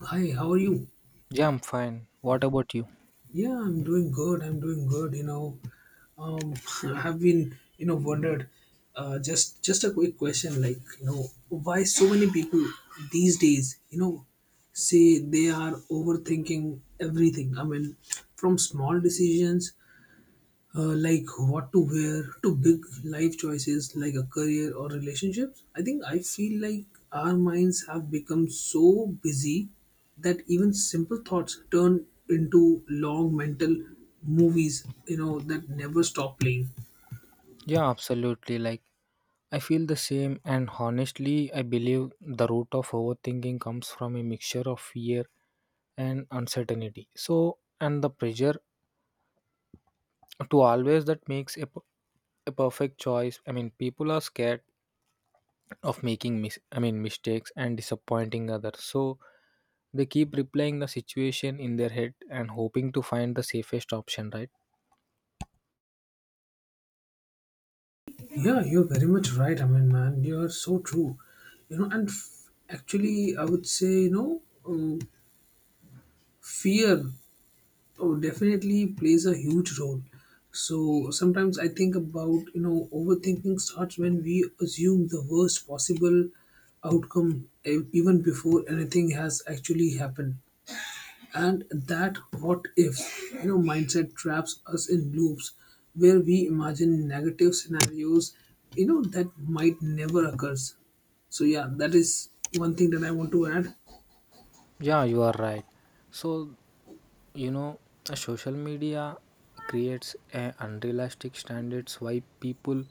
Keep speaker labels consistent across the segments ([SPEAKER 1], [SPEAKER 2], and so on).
[SPEAKER 1] Hi, how are you?
[SPEAKER 2] Yeah, I'm fine. What about you?
[SPEAKER 1] Yeah, I'm doing good. Um, I've been, you know, wondered. Just a quick question, why so many people these days, say they are overthinking everything. From small decisions like what to wear to big life choices like a career or relationships. I think I feel like our minds have become so busy that even simple thoughts turn into long mental movies that never stop playing.
[SPEAKER 2] Yeah, absolutely. Like, I feel the same, and honestly, I believe the root of overthinking comes from a mixture of fear and uncertainty. So, and the pressure to always that makes a perfect choice. I mean, people are scared of making I mean mistakes and disappointing others. So they keep replaying the situation in their head and hoping to find the safest option. Right?
[SPEAKER 1] Yeah, you're very much right. Man, you're so true, you know. Actually, I would say, fear. Oh, definitely plays a huge role. So sometimes I think about, overthinking starts when we assume the worst possible outcome even before anything has actually happened. And that what if, mindset traps us in loops where we imagine negative scenarios, that might never occurs. So yeah, that is one thing that I want to add.
[SPEAKER 2] Yeah, you are right. So, You know, social media creates a unrealistic standards why people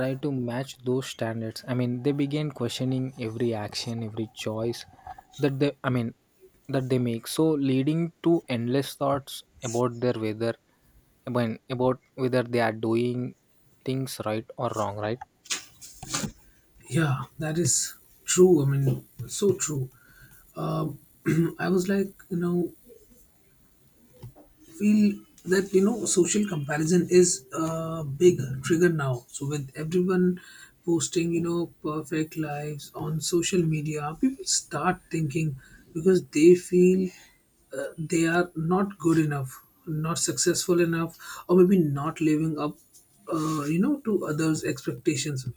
[SPEAKER 2] try to match those standards. I mean, they begin questioning every action, every choice that they I mean that they make. So leading to endless thoughts about their whether I mean, about whether they are doing things right or wrong, right?
[SPEAKER 1] Yeah, that is true. I mean, so true. Um, I was like, you know, feel that, social comparison is a big trigger now. So with everyone posting, perfect lives on social media, people start thinking because they feel they are not good enough, not successful enough, or maybe not living up, to others' expectations.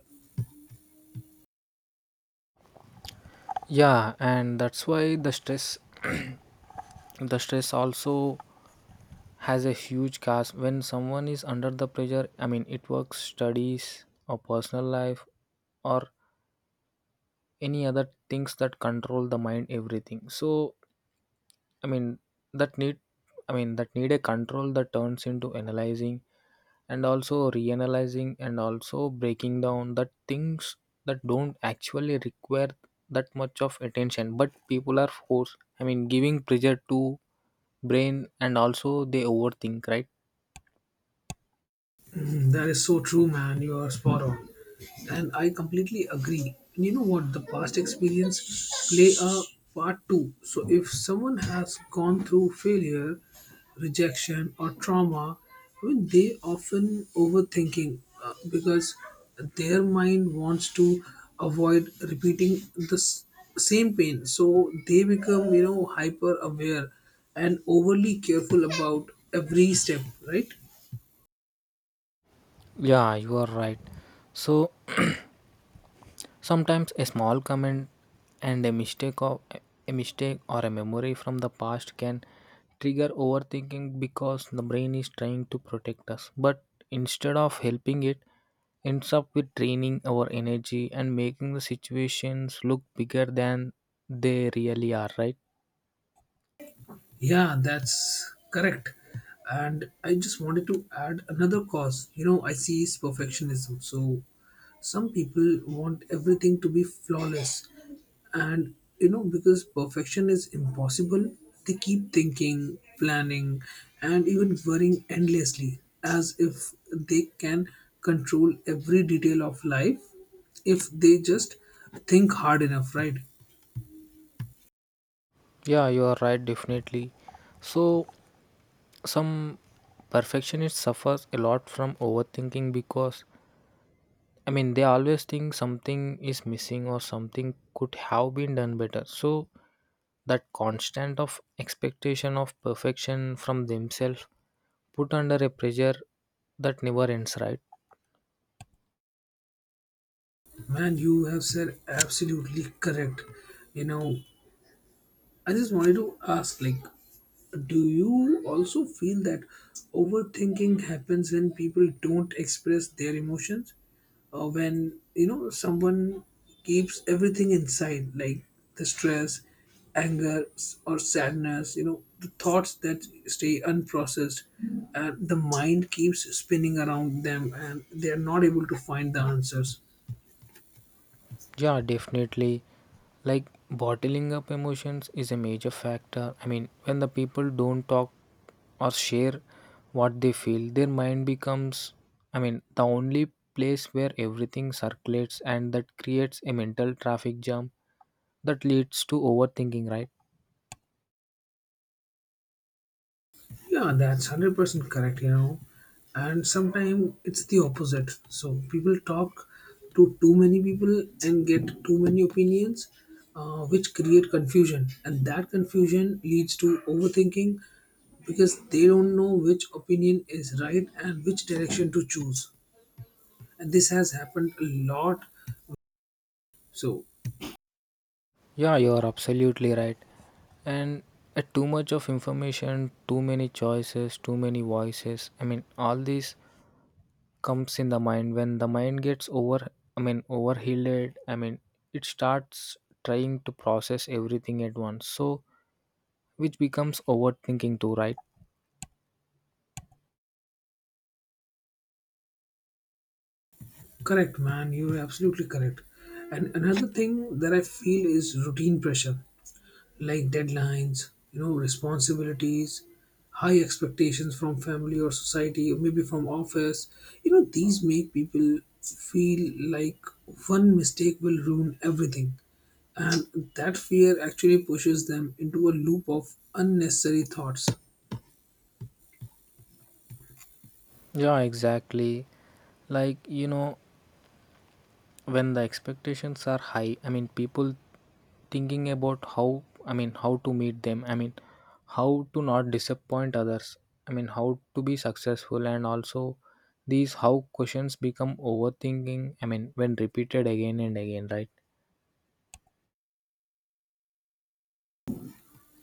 [SPEAKER 2] Yeah, and that's why the stress, the stress also has a huge cast when someone is under the pressure. I mean, it works studies or personal life or any other things that control the mind everything. So, I mean that need I mean that need a control that turns into analyzing and also reanalyzing and also breaking down that things that don't actually require that much of attention, but people are forced, I mean giving pressure to brain, and also they overthink, right?
[SPEAKER 1] Mm, that is so true, man. You are spot on. And I completely agree. And you know what? The past experience play a part too. So if someone has gone through failure, rejection, or trauma, I mean, they often overthinking because their mind wants to avoid repeating the same pain. So they become, hyper aware and overly careful about every step, right?
[SPEAKER 2] Yeah, you are right. So, sometimes a small comment and a mistake or a memory from the past can trigger overthinking because the brain is trying to protect us. But instead of helping it, ends up with draining our energy and making the situations look bigger than they really are, right?
[SPEAKER 1] Yeah, that's correct. And I just wanted to add another cause. You know, I see is perfectionism. So some people want everything to be flawless. And, you know, because perfection is impossible, they keep thinking, planning, and even worrying endlessly as if they can control every detail of life if they just think hard enough, right?
[SPEAKER 2] Yeah, you are right, definitely. So, some perfectionists suffers a lot from overthinking because, I mean, they always think something is missing or something could have been done better. So, that constant of expectation of perfection from themselves put under a pressure that never ends, right?
[SPEAKER 1] Man, you have said absolutely correct. You know, I just wanted to ask, like, do you also feel that overthinking happens when people don't express their emotions, or when you know someone keeps everything inside, like the stress, anger, or sadness? You know, the thoughts that stay unprocessed, and the mind keeps spinning around them, and they are not able to find the answers.
[SPEAKER 2] Yeah, definitely. Like, bottling up emotions is a major factor. I mean, when the people don't talk or share what they feel, their mind becomes, I mean, the only place where everything circulates, and that creates a mental traffic jam that leads to overthinking, right?
[SPEAKER 1] Yeah, that's 100% correct, you know. And sometimes it's the opposite. So people talk to too many people and get too many opinions, which create confusion. And that confusion leads to overthinking because they don't know which opinion is right and which direction to choose. And this has happened a lot. So,
[SPEAKER 2] Yeah, you're absolutely right. And too much of information, too many choices, too many voices, I mean all this comes in the mind. When the mind gets over, I mean overheated, I mean it starts trying to process everything at once, so which becomes overthinking too, right?
[SPEAKER 1] correct, man, you're absolutely correct. And another thing that I feel is routine pressure like deadlines, responsibilities, high expectations from family or society, or maybe from office. You know, these make people feel like one mistake will ruin everything. And that fear actually pushes them into a loop of unnecessary thoughts.
[SPEAKER 2] Yeah, exactly. like you know when the expectations are high, I mean people thinking about how, I mean how to meet them, I mean how to not disappoint others, I mean how to be successful, and also these how questions become overthinking, I mean, when repeated again and again, right?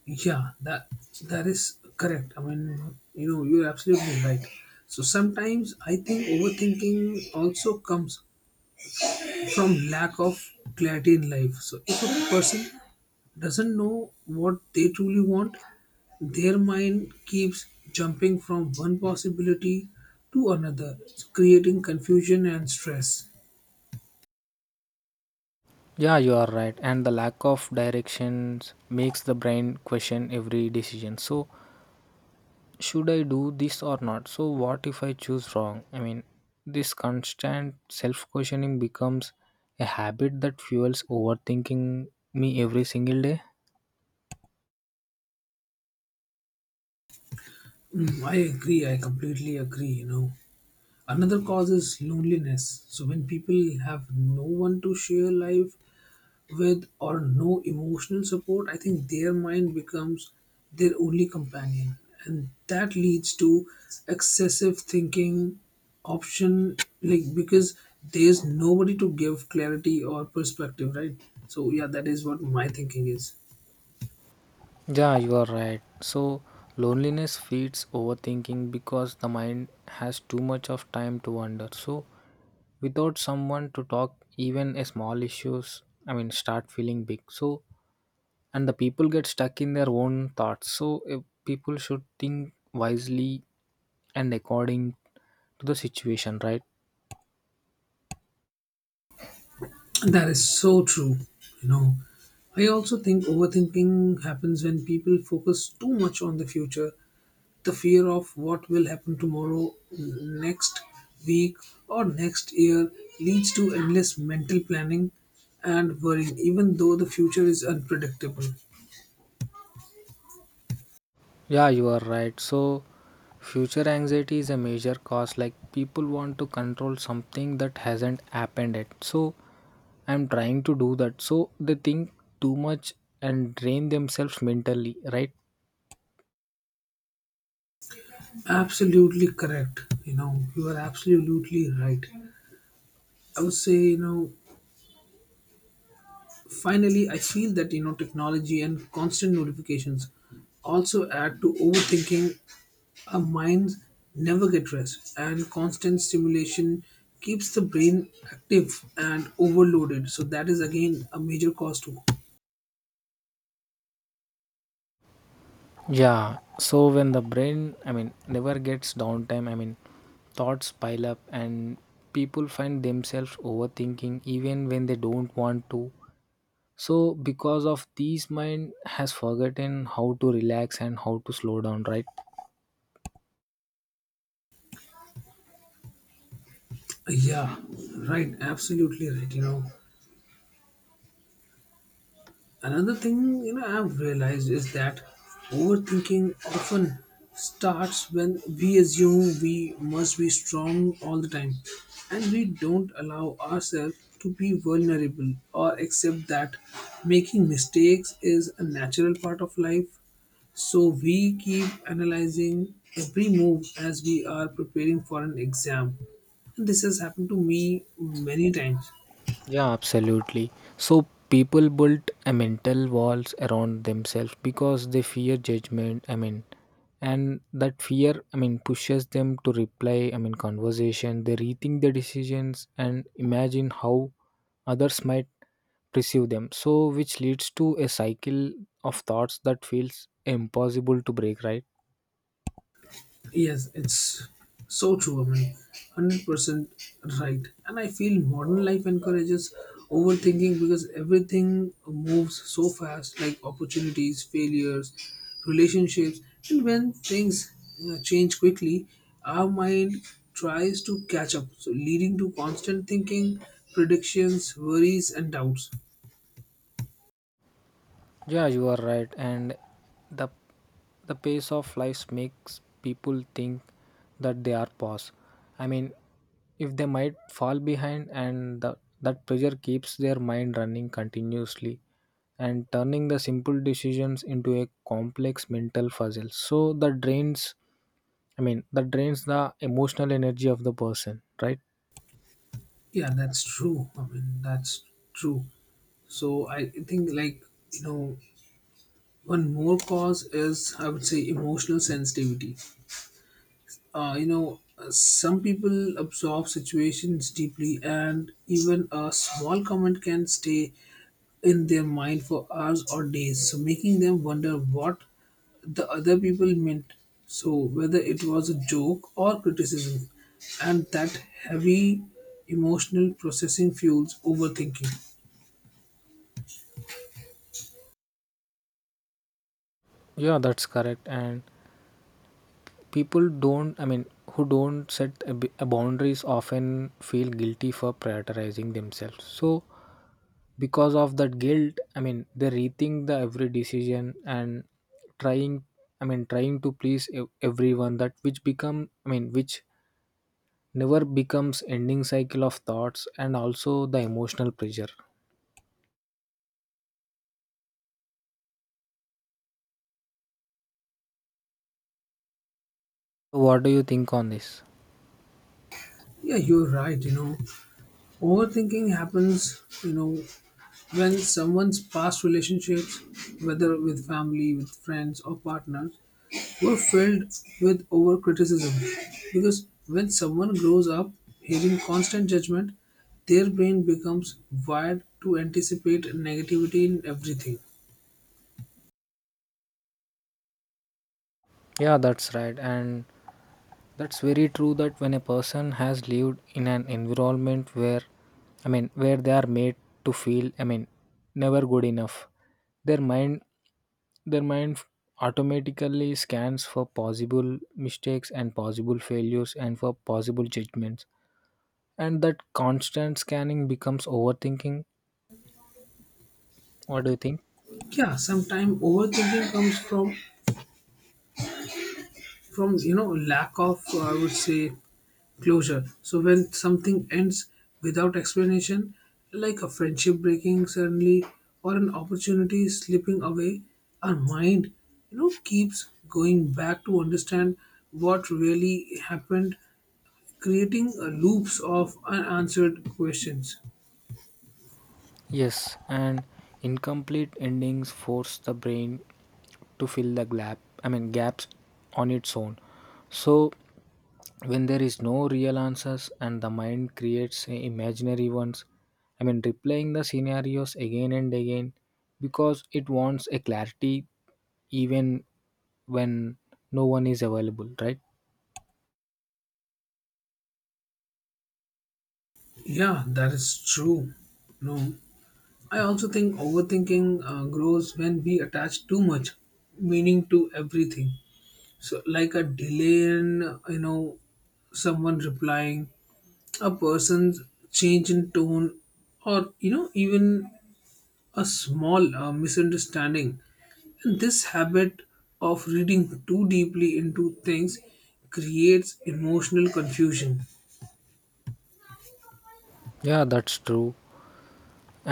[SPEAKER 1] Yeah, that that is correct. You're absolutely right. So sometimes I think overthinking also comes from lack of clarity in life. So if a person doesn't know what they truly want, their mind keeps jumping from one possibility to another, creating confusion and stress.
[SPEAKER 2] Yeah, you are right. And the lack of directions makes the brain question every decision. So, should I do this or not? So, what if I choose wrong? I mean, this constant self questioning becomes a habit that fuels overthinking me every single day.
[SPEAKER 1] Mm, I completely agree, you know. Another cause is loneliness. So when people have no one to share life with or no emotional support, I think their mind becomes their only companion. And that leads to excessive thinking option, like because there's nobody to give clarity or perspective, right? So yeah, that is what my thinking is.
[SPEAKER 2] Yeah, you are right. So, loneliness feeds overthinking because the mind has too much of time to wonder. So, without someone to talk, even a small issues, I mean, start feeling big. So, and the people get stuck in their own thoughts. So, if people should think wisely and according to the situation, right?
[SPEAKER 1] That is so true. You know, I also think overthinking happens when people focus too much on the future. The fear of what will happen tomorrow, next week, or next year leads to endless mental planning and worrying, even though the future is unpredictable.
[SPEAKER 2] Yeah, you are right. So, future anxiety is a major cause. Like, people want to control something that hasn't happened yet. So, I'm trying to do that. So, they think too much and drain themselves mentally, right?
[SPEAKER 1] Absolutely correct. You know, you are absolutely right. I would say, finally, I feel that, technology and constant notifications also add to overthinking. Our minds never get rest, and constant stimulation keeps the brain active and overloaded. So that is again a major cause too.
[SPEAKER 2] Yeah. So, when the brain, I mean, never gets downtime, I mean, thoughts pile up and people find themselves overthinking even when they don't want to. So because of these mind has forgotten how to relax and how to slow down, right?
[SPEAKER 1] Yeah, right. Absolutely right. You know, another thing, I've realized, is that overthinking often starts when we assume we must be strong all the time, and we don't allow ourselves to be vulnerable or accept that making mistakes is a natural part of life. So we keep analyzing every move as we are preparing for an exam. And this has happened to me many times.
[SPEAKER 2] Yeah, absolutely. So people built a mental walls around themselves because they fear judgment, I mean, and that fear, I mean, pushes them to reply, I mean conversation, they rethink their decisions and imagine how others might perceive them. So which leads to a cycle of thoughts that feels impossible to break, right?
[SPEAKER 1] Yes, it's so true. I mean, 100% right. And I feel modern life encourages overthinking because everything moves so fast, like opportunities, failures, relationships, and when things change quickly, our mind tries to catch up, so leading to constant thinking, predictions, worries, and doubts.
[SPEAKER 2] Yeah, you are right. And the the pace of life makes people think that they are past. I mean, if they might fall behind, and the, that pressure keeps their mind running continuously and turning the simple decisions into a complex mental puzzle. So that drains. I mean, that drains the emotional energy of the person, right?
[SPEAKER 1] Yeah, that's true. I mean, that's true. So I think, you know one more cause is, I would say, emotional sensitivity. Some people absorb situations deeply, and even a small comment can stay in their mind for hours or days, so making them wonder what the other people meant. So, whether it was a joke or criticism, and that heavy emotional processing fuels overthinking.
[SPEAKER 2] Yeah, that's correct. And people don't, I mean who don't set a boundaries often feel guilty for prioritizing themselves. So because of that guilt, I mean they rethink the every decision and trying, I mean trying to please everyone, that which become, I mean which never becomes ending cycle of thoughts and also the emotional pressure. So, what do you think on this?
[SPEAKER 1] Yeah, you're right. You know, overthinking happens, you know, when someone's past relationships, whether with family, with friends, or partners, were filled with over criticism. Because when someone grows up hearing constant judgment, their brain becomes wired to anticipate negativity in everything.
[SPEAKER 2] Yeah, that's right. And that's very true that when a person has lived in an environment where, I mean where they are made to feel, I mean, never good enough, their mind their mind automatically scans for possible mistakes and possible failures and for possible judgments, and that constant scanning becomes overthinking. What do you think?
[SPEAKER 1] Yeah, sometimes overthinking comes from, lack of, I would say, closure. So when something ends without explanation, like a friendship breaking suddenly or an opportunity slipping away, our mind, keeps going back to understand what really happened, creating loops of unanswered questions.
[SPEAKER 2] Yes. And incomplete endings force the brain to fill the gap I mean gaps on its own. So when there is no real answers, and the mind creates imaginary ones, I mean replaying the scenarios again and again because it wants a clarity even when no one is available, right?
[SPEAKER 1] Yeah, that is true. No, I also think overthinking grows when we attach too much meaning to everything. So like a delay in, someone replying, a person's change in tone, or, even a small misunderstanding. And this habit of reading too deeply into things creates emotional confusion.
[SPEAKER 2] Yeah, that's true.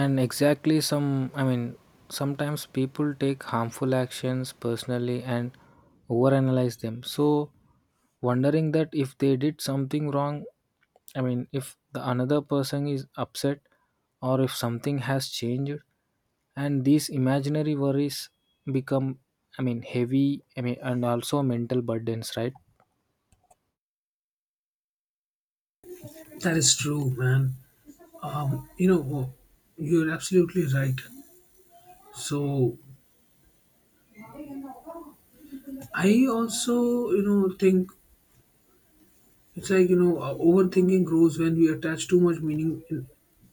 [SPEAKER 2] And exactly some, I mean sometimes people take harmful actions personally and overanalyze them. So wondering that if they did something wrong, I mean if the another person is upset or if something has changed, and these imaginary worries become, I mean heavy, I mean and also mental burdens, right?
[SPEAKER 1] That is true, man. um, you know you're absolutely right. So I also, think. It's like, you know, Overthinking grows when we attach too much meaning in,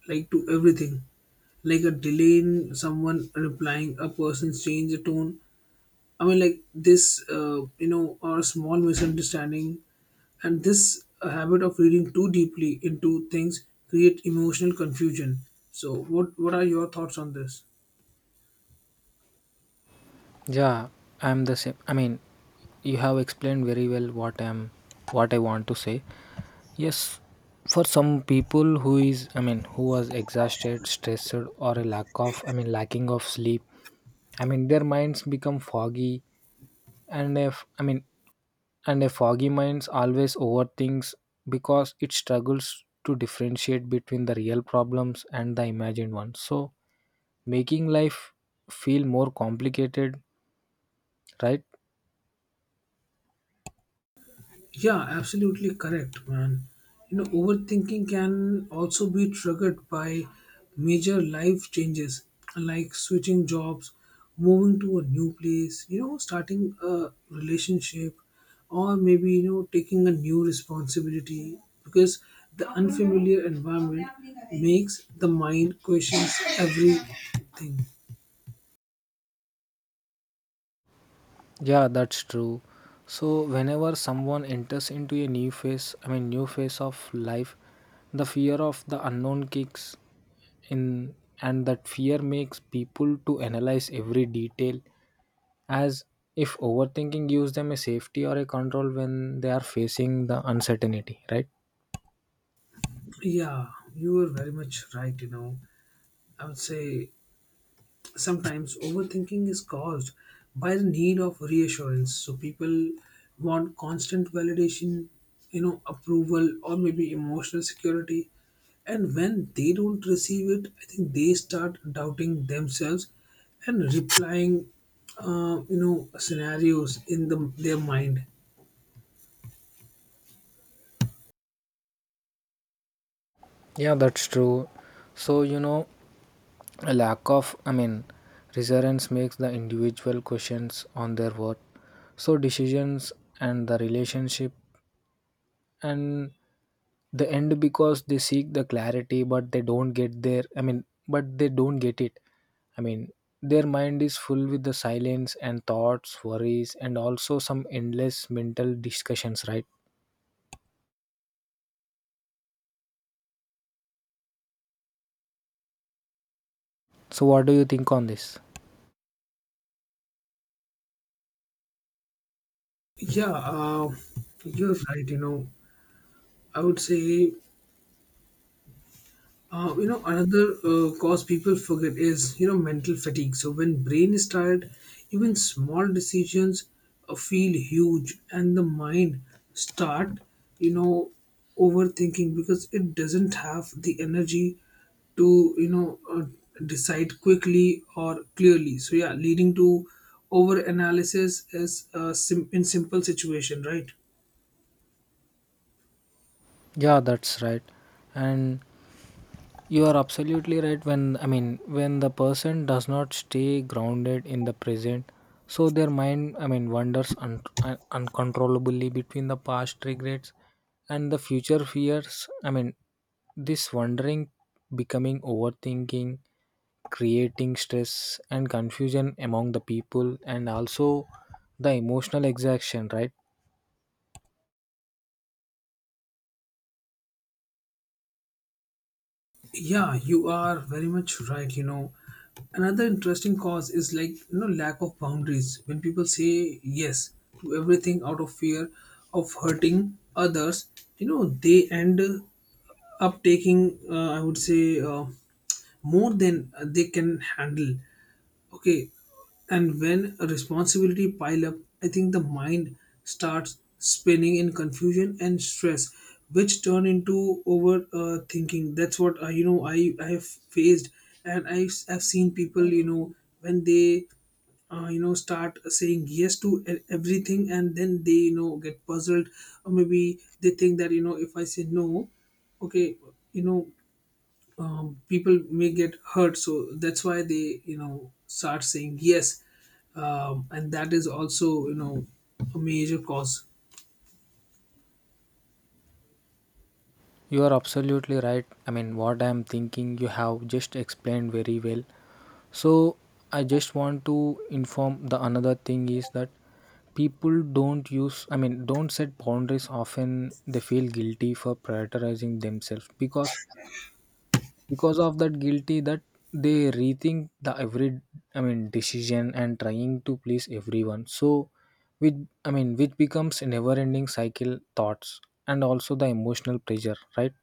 [SPEAKER 1] like, to everything. Like a delay in someone replying, a person's change of tone. Or a small misunderstanding. And this habit of reading too deeply into things create emotional confusion. So, what are your thoughts on this?
[SPEAKER 2] Yeah, I'm the same. I mean, you have explained very well what I'm, what I want to say. Yes, for some people who is, I mean who was exhausted, stressed, or a lack of, I mean lacking of sleep, I mean their minds become foggy. And if, I mean, and a foggy mind always overthinks because it struggles to differentiate between the real problems and the imagined ones. So making life feel more complicated, right?
[SPEAKER 1] Yeah, absolutely correct, man. You know, overthinking can also be triggered by major life changes like switching jobs, moving to a new place, starting a relationship, or maybe, taking a new responsibility, because the unfamiliar environment makes the mind questions everything.
[SPEAKER 2] Yeah, that's true. So whenever someone enters into a new phase I mean new phase of life, the fear of the unknown kicks in, and that fear makes people to analyze every detail as if overthinking gives them a safety or a control when they are facing the uncertainty, right?
[SPEAKER 1] Yeah, you are very much right, you know. I would say sometimes overthinking is caused by the need of reassurance. So people want constant validation, approval, or maybe emotional security, and when they don't receive it, I think they start doubting themselves and replying scenarios in the, their mind.
[SPEAKER 2] Yeah, that's true. So, you know, a lack of, I mean resilience makes the individual questions on their worth. So decisions and the relationship and the end, because they seek the clarity but they don't get there, I mean but they don't get it, I mean their mind is full with the silence and thoughts, worries, and also some endless mental discussions, right? So what do you think on this?
[SPEAKER 1] yeah uh, you're right, you know. I would say, another cause people forget is, mental fatigue. So when brain is tired, even small decisions feel huge, and the mind start, you know, overthinking because it doesn't have the energy to, decide quickly or clearly. So yeah, leading to over analysis is in simple situation, right?
[SPEAKER 2] Yeah, that's right. And you are absolutely right when, I mean when the person does not stay grounded in the present. So their mind, I mean wanders uncontrollably between the past regrets and the future fears, I mean this wandering becoming overthinking, creating stress and confusion among the people, and also the emotional exhaustion, right?
[SPEAKER 1] Yeah, you are very much right. You know, another interesting cause is, lack of boundaries. When people say yes to everything out of fear of hurting others, you know, they end up taking, I would say, more than they can handle. Okay. And when a responsibility pile up, I think the mind starts spinning in confusion and stress, which turn into over thinking. That's what, I have faced, and I have seen people, you know, when they, start saying yes to everything, and then they, get puzzled, or maybe they think that, you know, if I say no, okay, you know, people may get hurt. So that's why they, start saying yes. And that is also, a major cause.
[SPEAKER 2] You are absolutely right. I mean, what I am thinking, you have just explained very well. So, I just want to inform the another thing is that people don't use, I mean don't set boundaries often, they feel guilty for prioritizing themselves because of that guilty that they rethink the every, I mean decision and trying to please everyone. So with, I mean which becomes a never ending cycle thoughts and also the emotional pressure, right?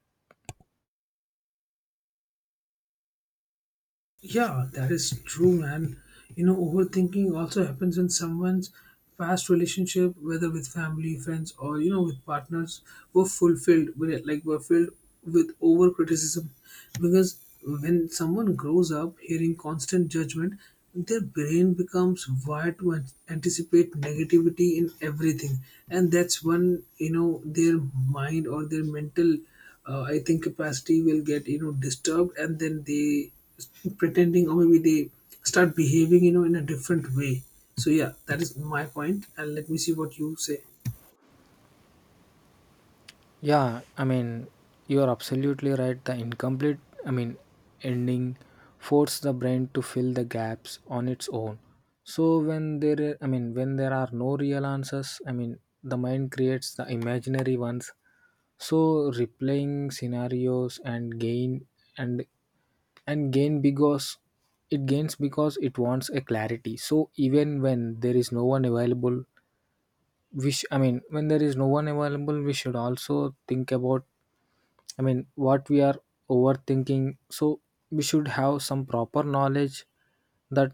[SPEAKER 1] Yeah, that is true, man. You know, overthinking also happens in someone's past relationship, whether with family, friends, or you know, with partners, were fulfilled with like were filled with over criticism, because when someone grows up hearing constant judgment, their brain becomes wired to anticipate negativity in everything, and that's when you know their mind or their mental I think capacity will get you know disturbed, and then they s- pretending or maybe they start behaving you know in a different way. So yeah, that is my point, and let me see what you say.
[SPEAKER 2] Yeah, I mean, you are absolutely right. The incomplete, I mean, ending force the brain to fill the gaps on its own. So when there, I mean, when there are no real answers, I mean, the mind creates the imaginary ones. So replaying scenarios and gain and gain because it gains because it wants a clarity. So even when there is no one available, we sh-, I mean, when there is no one available, we should also think about, I mean, what we are overthinking. So we should have some proper knowledge that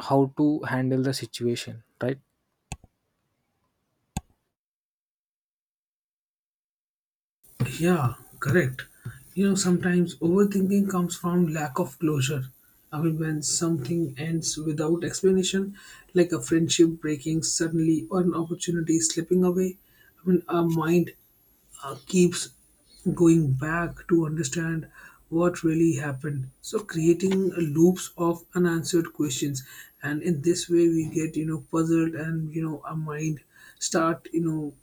[SPEAKER 2] how to handle the situation, right?
[SPEAKER 1] Yeah, correct. You know, sometimes overthinking comes from lack of closure. I mean, when something ends without explanation, like a friendship breaking suddenly or an opportunity slipping away, I mean, our mind keeps going back to understand what really happened, so creating loops of unanswered questions, and in this way we get you know puzzled, and you know our mind start you know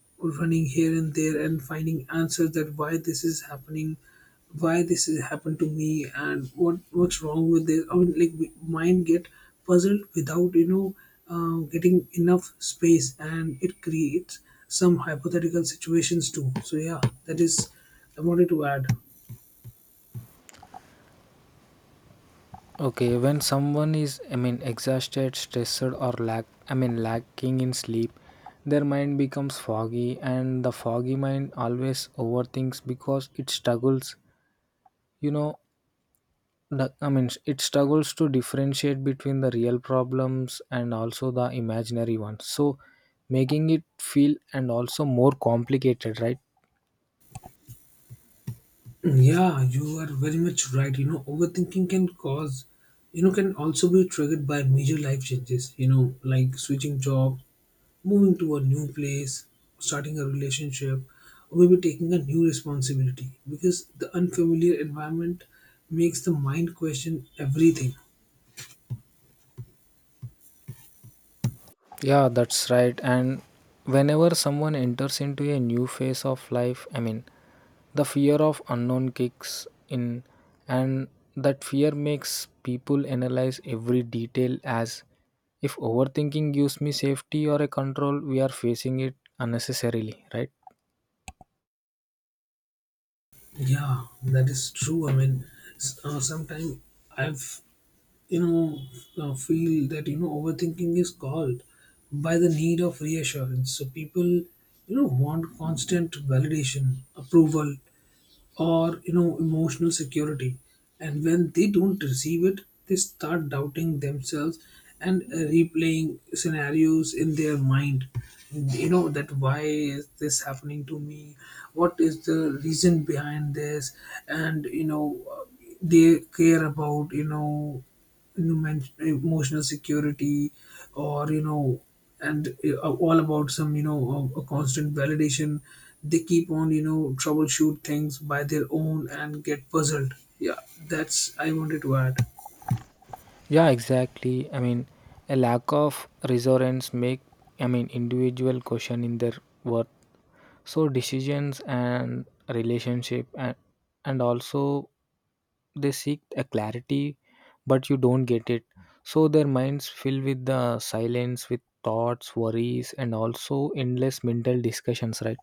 [SPEAKER 1] running here and there and finding answers that why this is happening, why this has happened to me, and what's wrong with this. I mean, mind get puzzled without you know getting enough space, and it creates some hypothetical situations too. So yeah, that is I wanted to add.
[SPEAKER 2] Okay, when someone is, I mean, exhausted, stressed, or lack, I mean, lacking in sleep, their mind becomes foggy, and the foggy mind always overthinks because it struggles, you know, the, I mean, it struggles to differentiate between the real problems and also the imaginary ones. So, making it feel and also more complicated, right?
[SPEAKER 1] Yeah, you are very much right. You know, overthinking can cause, you know, can also be triggered by major life changes. You know, like switching jobs, moving to a new place, starting a relationship, or maybe taking a new responsibility, because the unfamiliar environment makes the mind question everything.
[SPEAKER 2] Yeah, that's right. And whenever someone enters into a new phase of life, I mean, the fear of unknown kicks in, and that fear makes people analyze every detail as if overthinking gives me safety or a control, we are facing it unnecessarily, right?
[SPEAKER 1] Yeah, that is true. I mean, sometimes I've you know feel that you know overthinking is called by the need of reassurance. So people you know want constant validation, approval, or you know emotional security, and when they don't receive it, they start doubting themselves, and replaying scenarios in their mind, you know that why is this happening to me, what is the reason behind this, and you know they care about you know, you mentioned emotional security or you know, and all about some you know a constant validation, they keep on you know troubleshoot things by their own and get puzzled. Yeah, that's I wanted to add.
[SPEAKER 2] Yeah, exactly. I mean, a lack of reassurance make, I mean individual question in their worth. So decisions and relationship and also they seek a clarity, but you don't get it. So their minds fill with the silence, with thoughts, worries, and also endless mental discussions, right?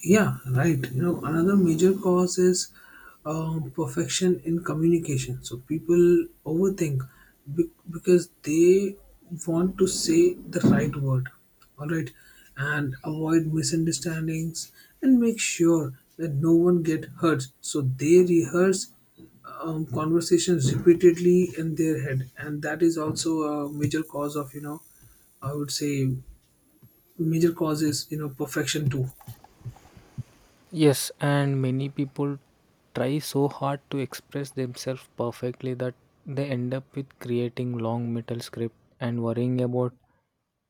[SPEAKER 1] Yeah, right. You know, another major cause is perfection in communication. So people overthink because they want to say the right word, all right, and avoid misunderstandings and make sure that no one get hurt. So they rehearse conversations repeatedly in their head, and that is also a major cause of, you know, I would say, major causes you know perfection too.
[SPEAKER 2] Yes, and many people try so hard to express themselves perfectly that they end up with creating long metal script and worrying about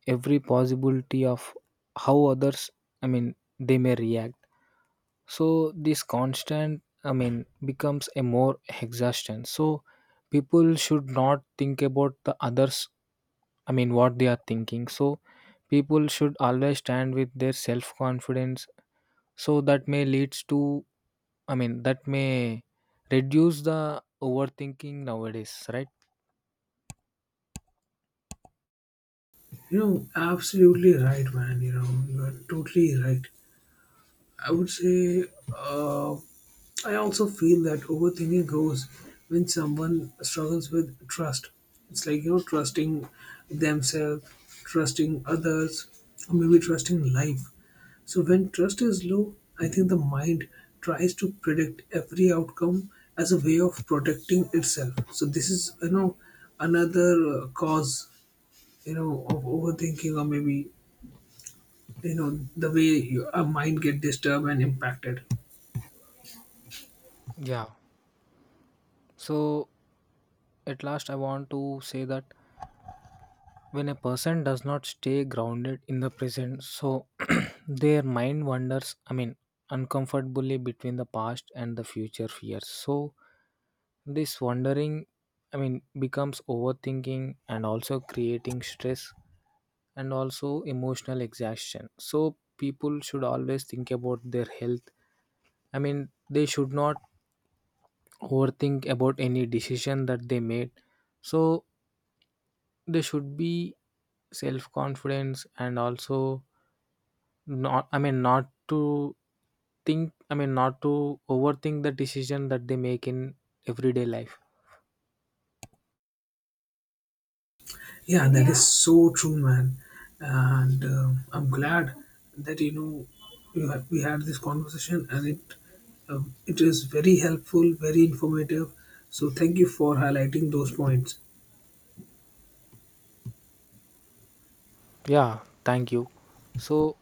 [SPEAKER 2] every possibility of how others, I mean, they may react. So this constant, I mean, becomes a more exhaustion. So people should not think about the others, I mean, what they are thinking. So, people should always stand with their self confidence. So, that may leads to, I mean, that may reduce the overthinking nowadays, right?
[SPEAKER 1] You know, absolutely right, man. You know, you are totally right. I would say, uh, I also feel that overthinking goes when someone struggles with trust. It's like, you know, trusting themselves, trusting others, or maybe trusting life. So when trust is low, I think the mind tries to predict every outcome as a way of protecting itself. So this is you know another cause you know of overthinking, or maybe you know the way your our mind get disturbed and impacted.
[SPEAKER 2] Yeah. So, at last, I want to say that when a person does not stay grounded in the present, so their mind wanders, I mean, uncomfortably between the past and the future fears. So, this wandering, I mean, becomes overthinking and also creating stress and also emotional exhaustion. So, people should always think about their health. I mean, they should not overthink about any decision that they made. So they should be self confidence and also not, I mean not to think, I mean not to overthink the decision that they make in everyday life.
[SPEAKER 1] Yeah, that is Yeah. So true, man. And I'm glad that you know we had this conversation, and it it is very helpful, very informative. So thank you for highlighting those points.
[SPEAKER 2] Yeah, thank you. So,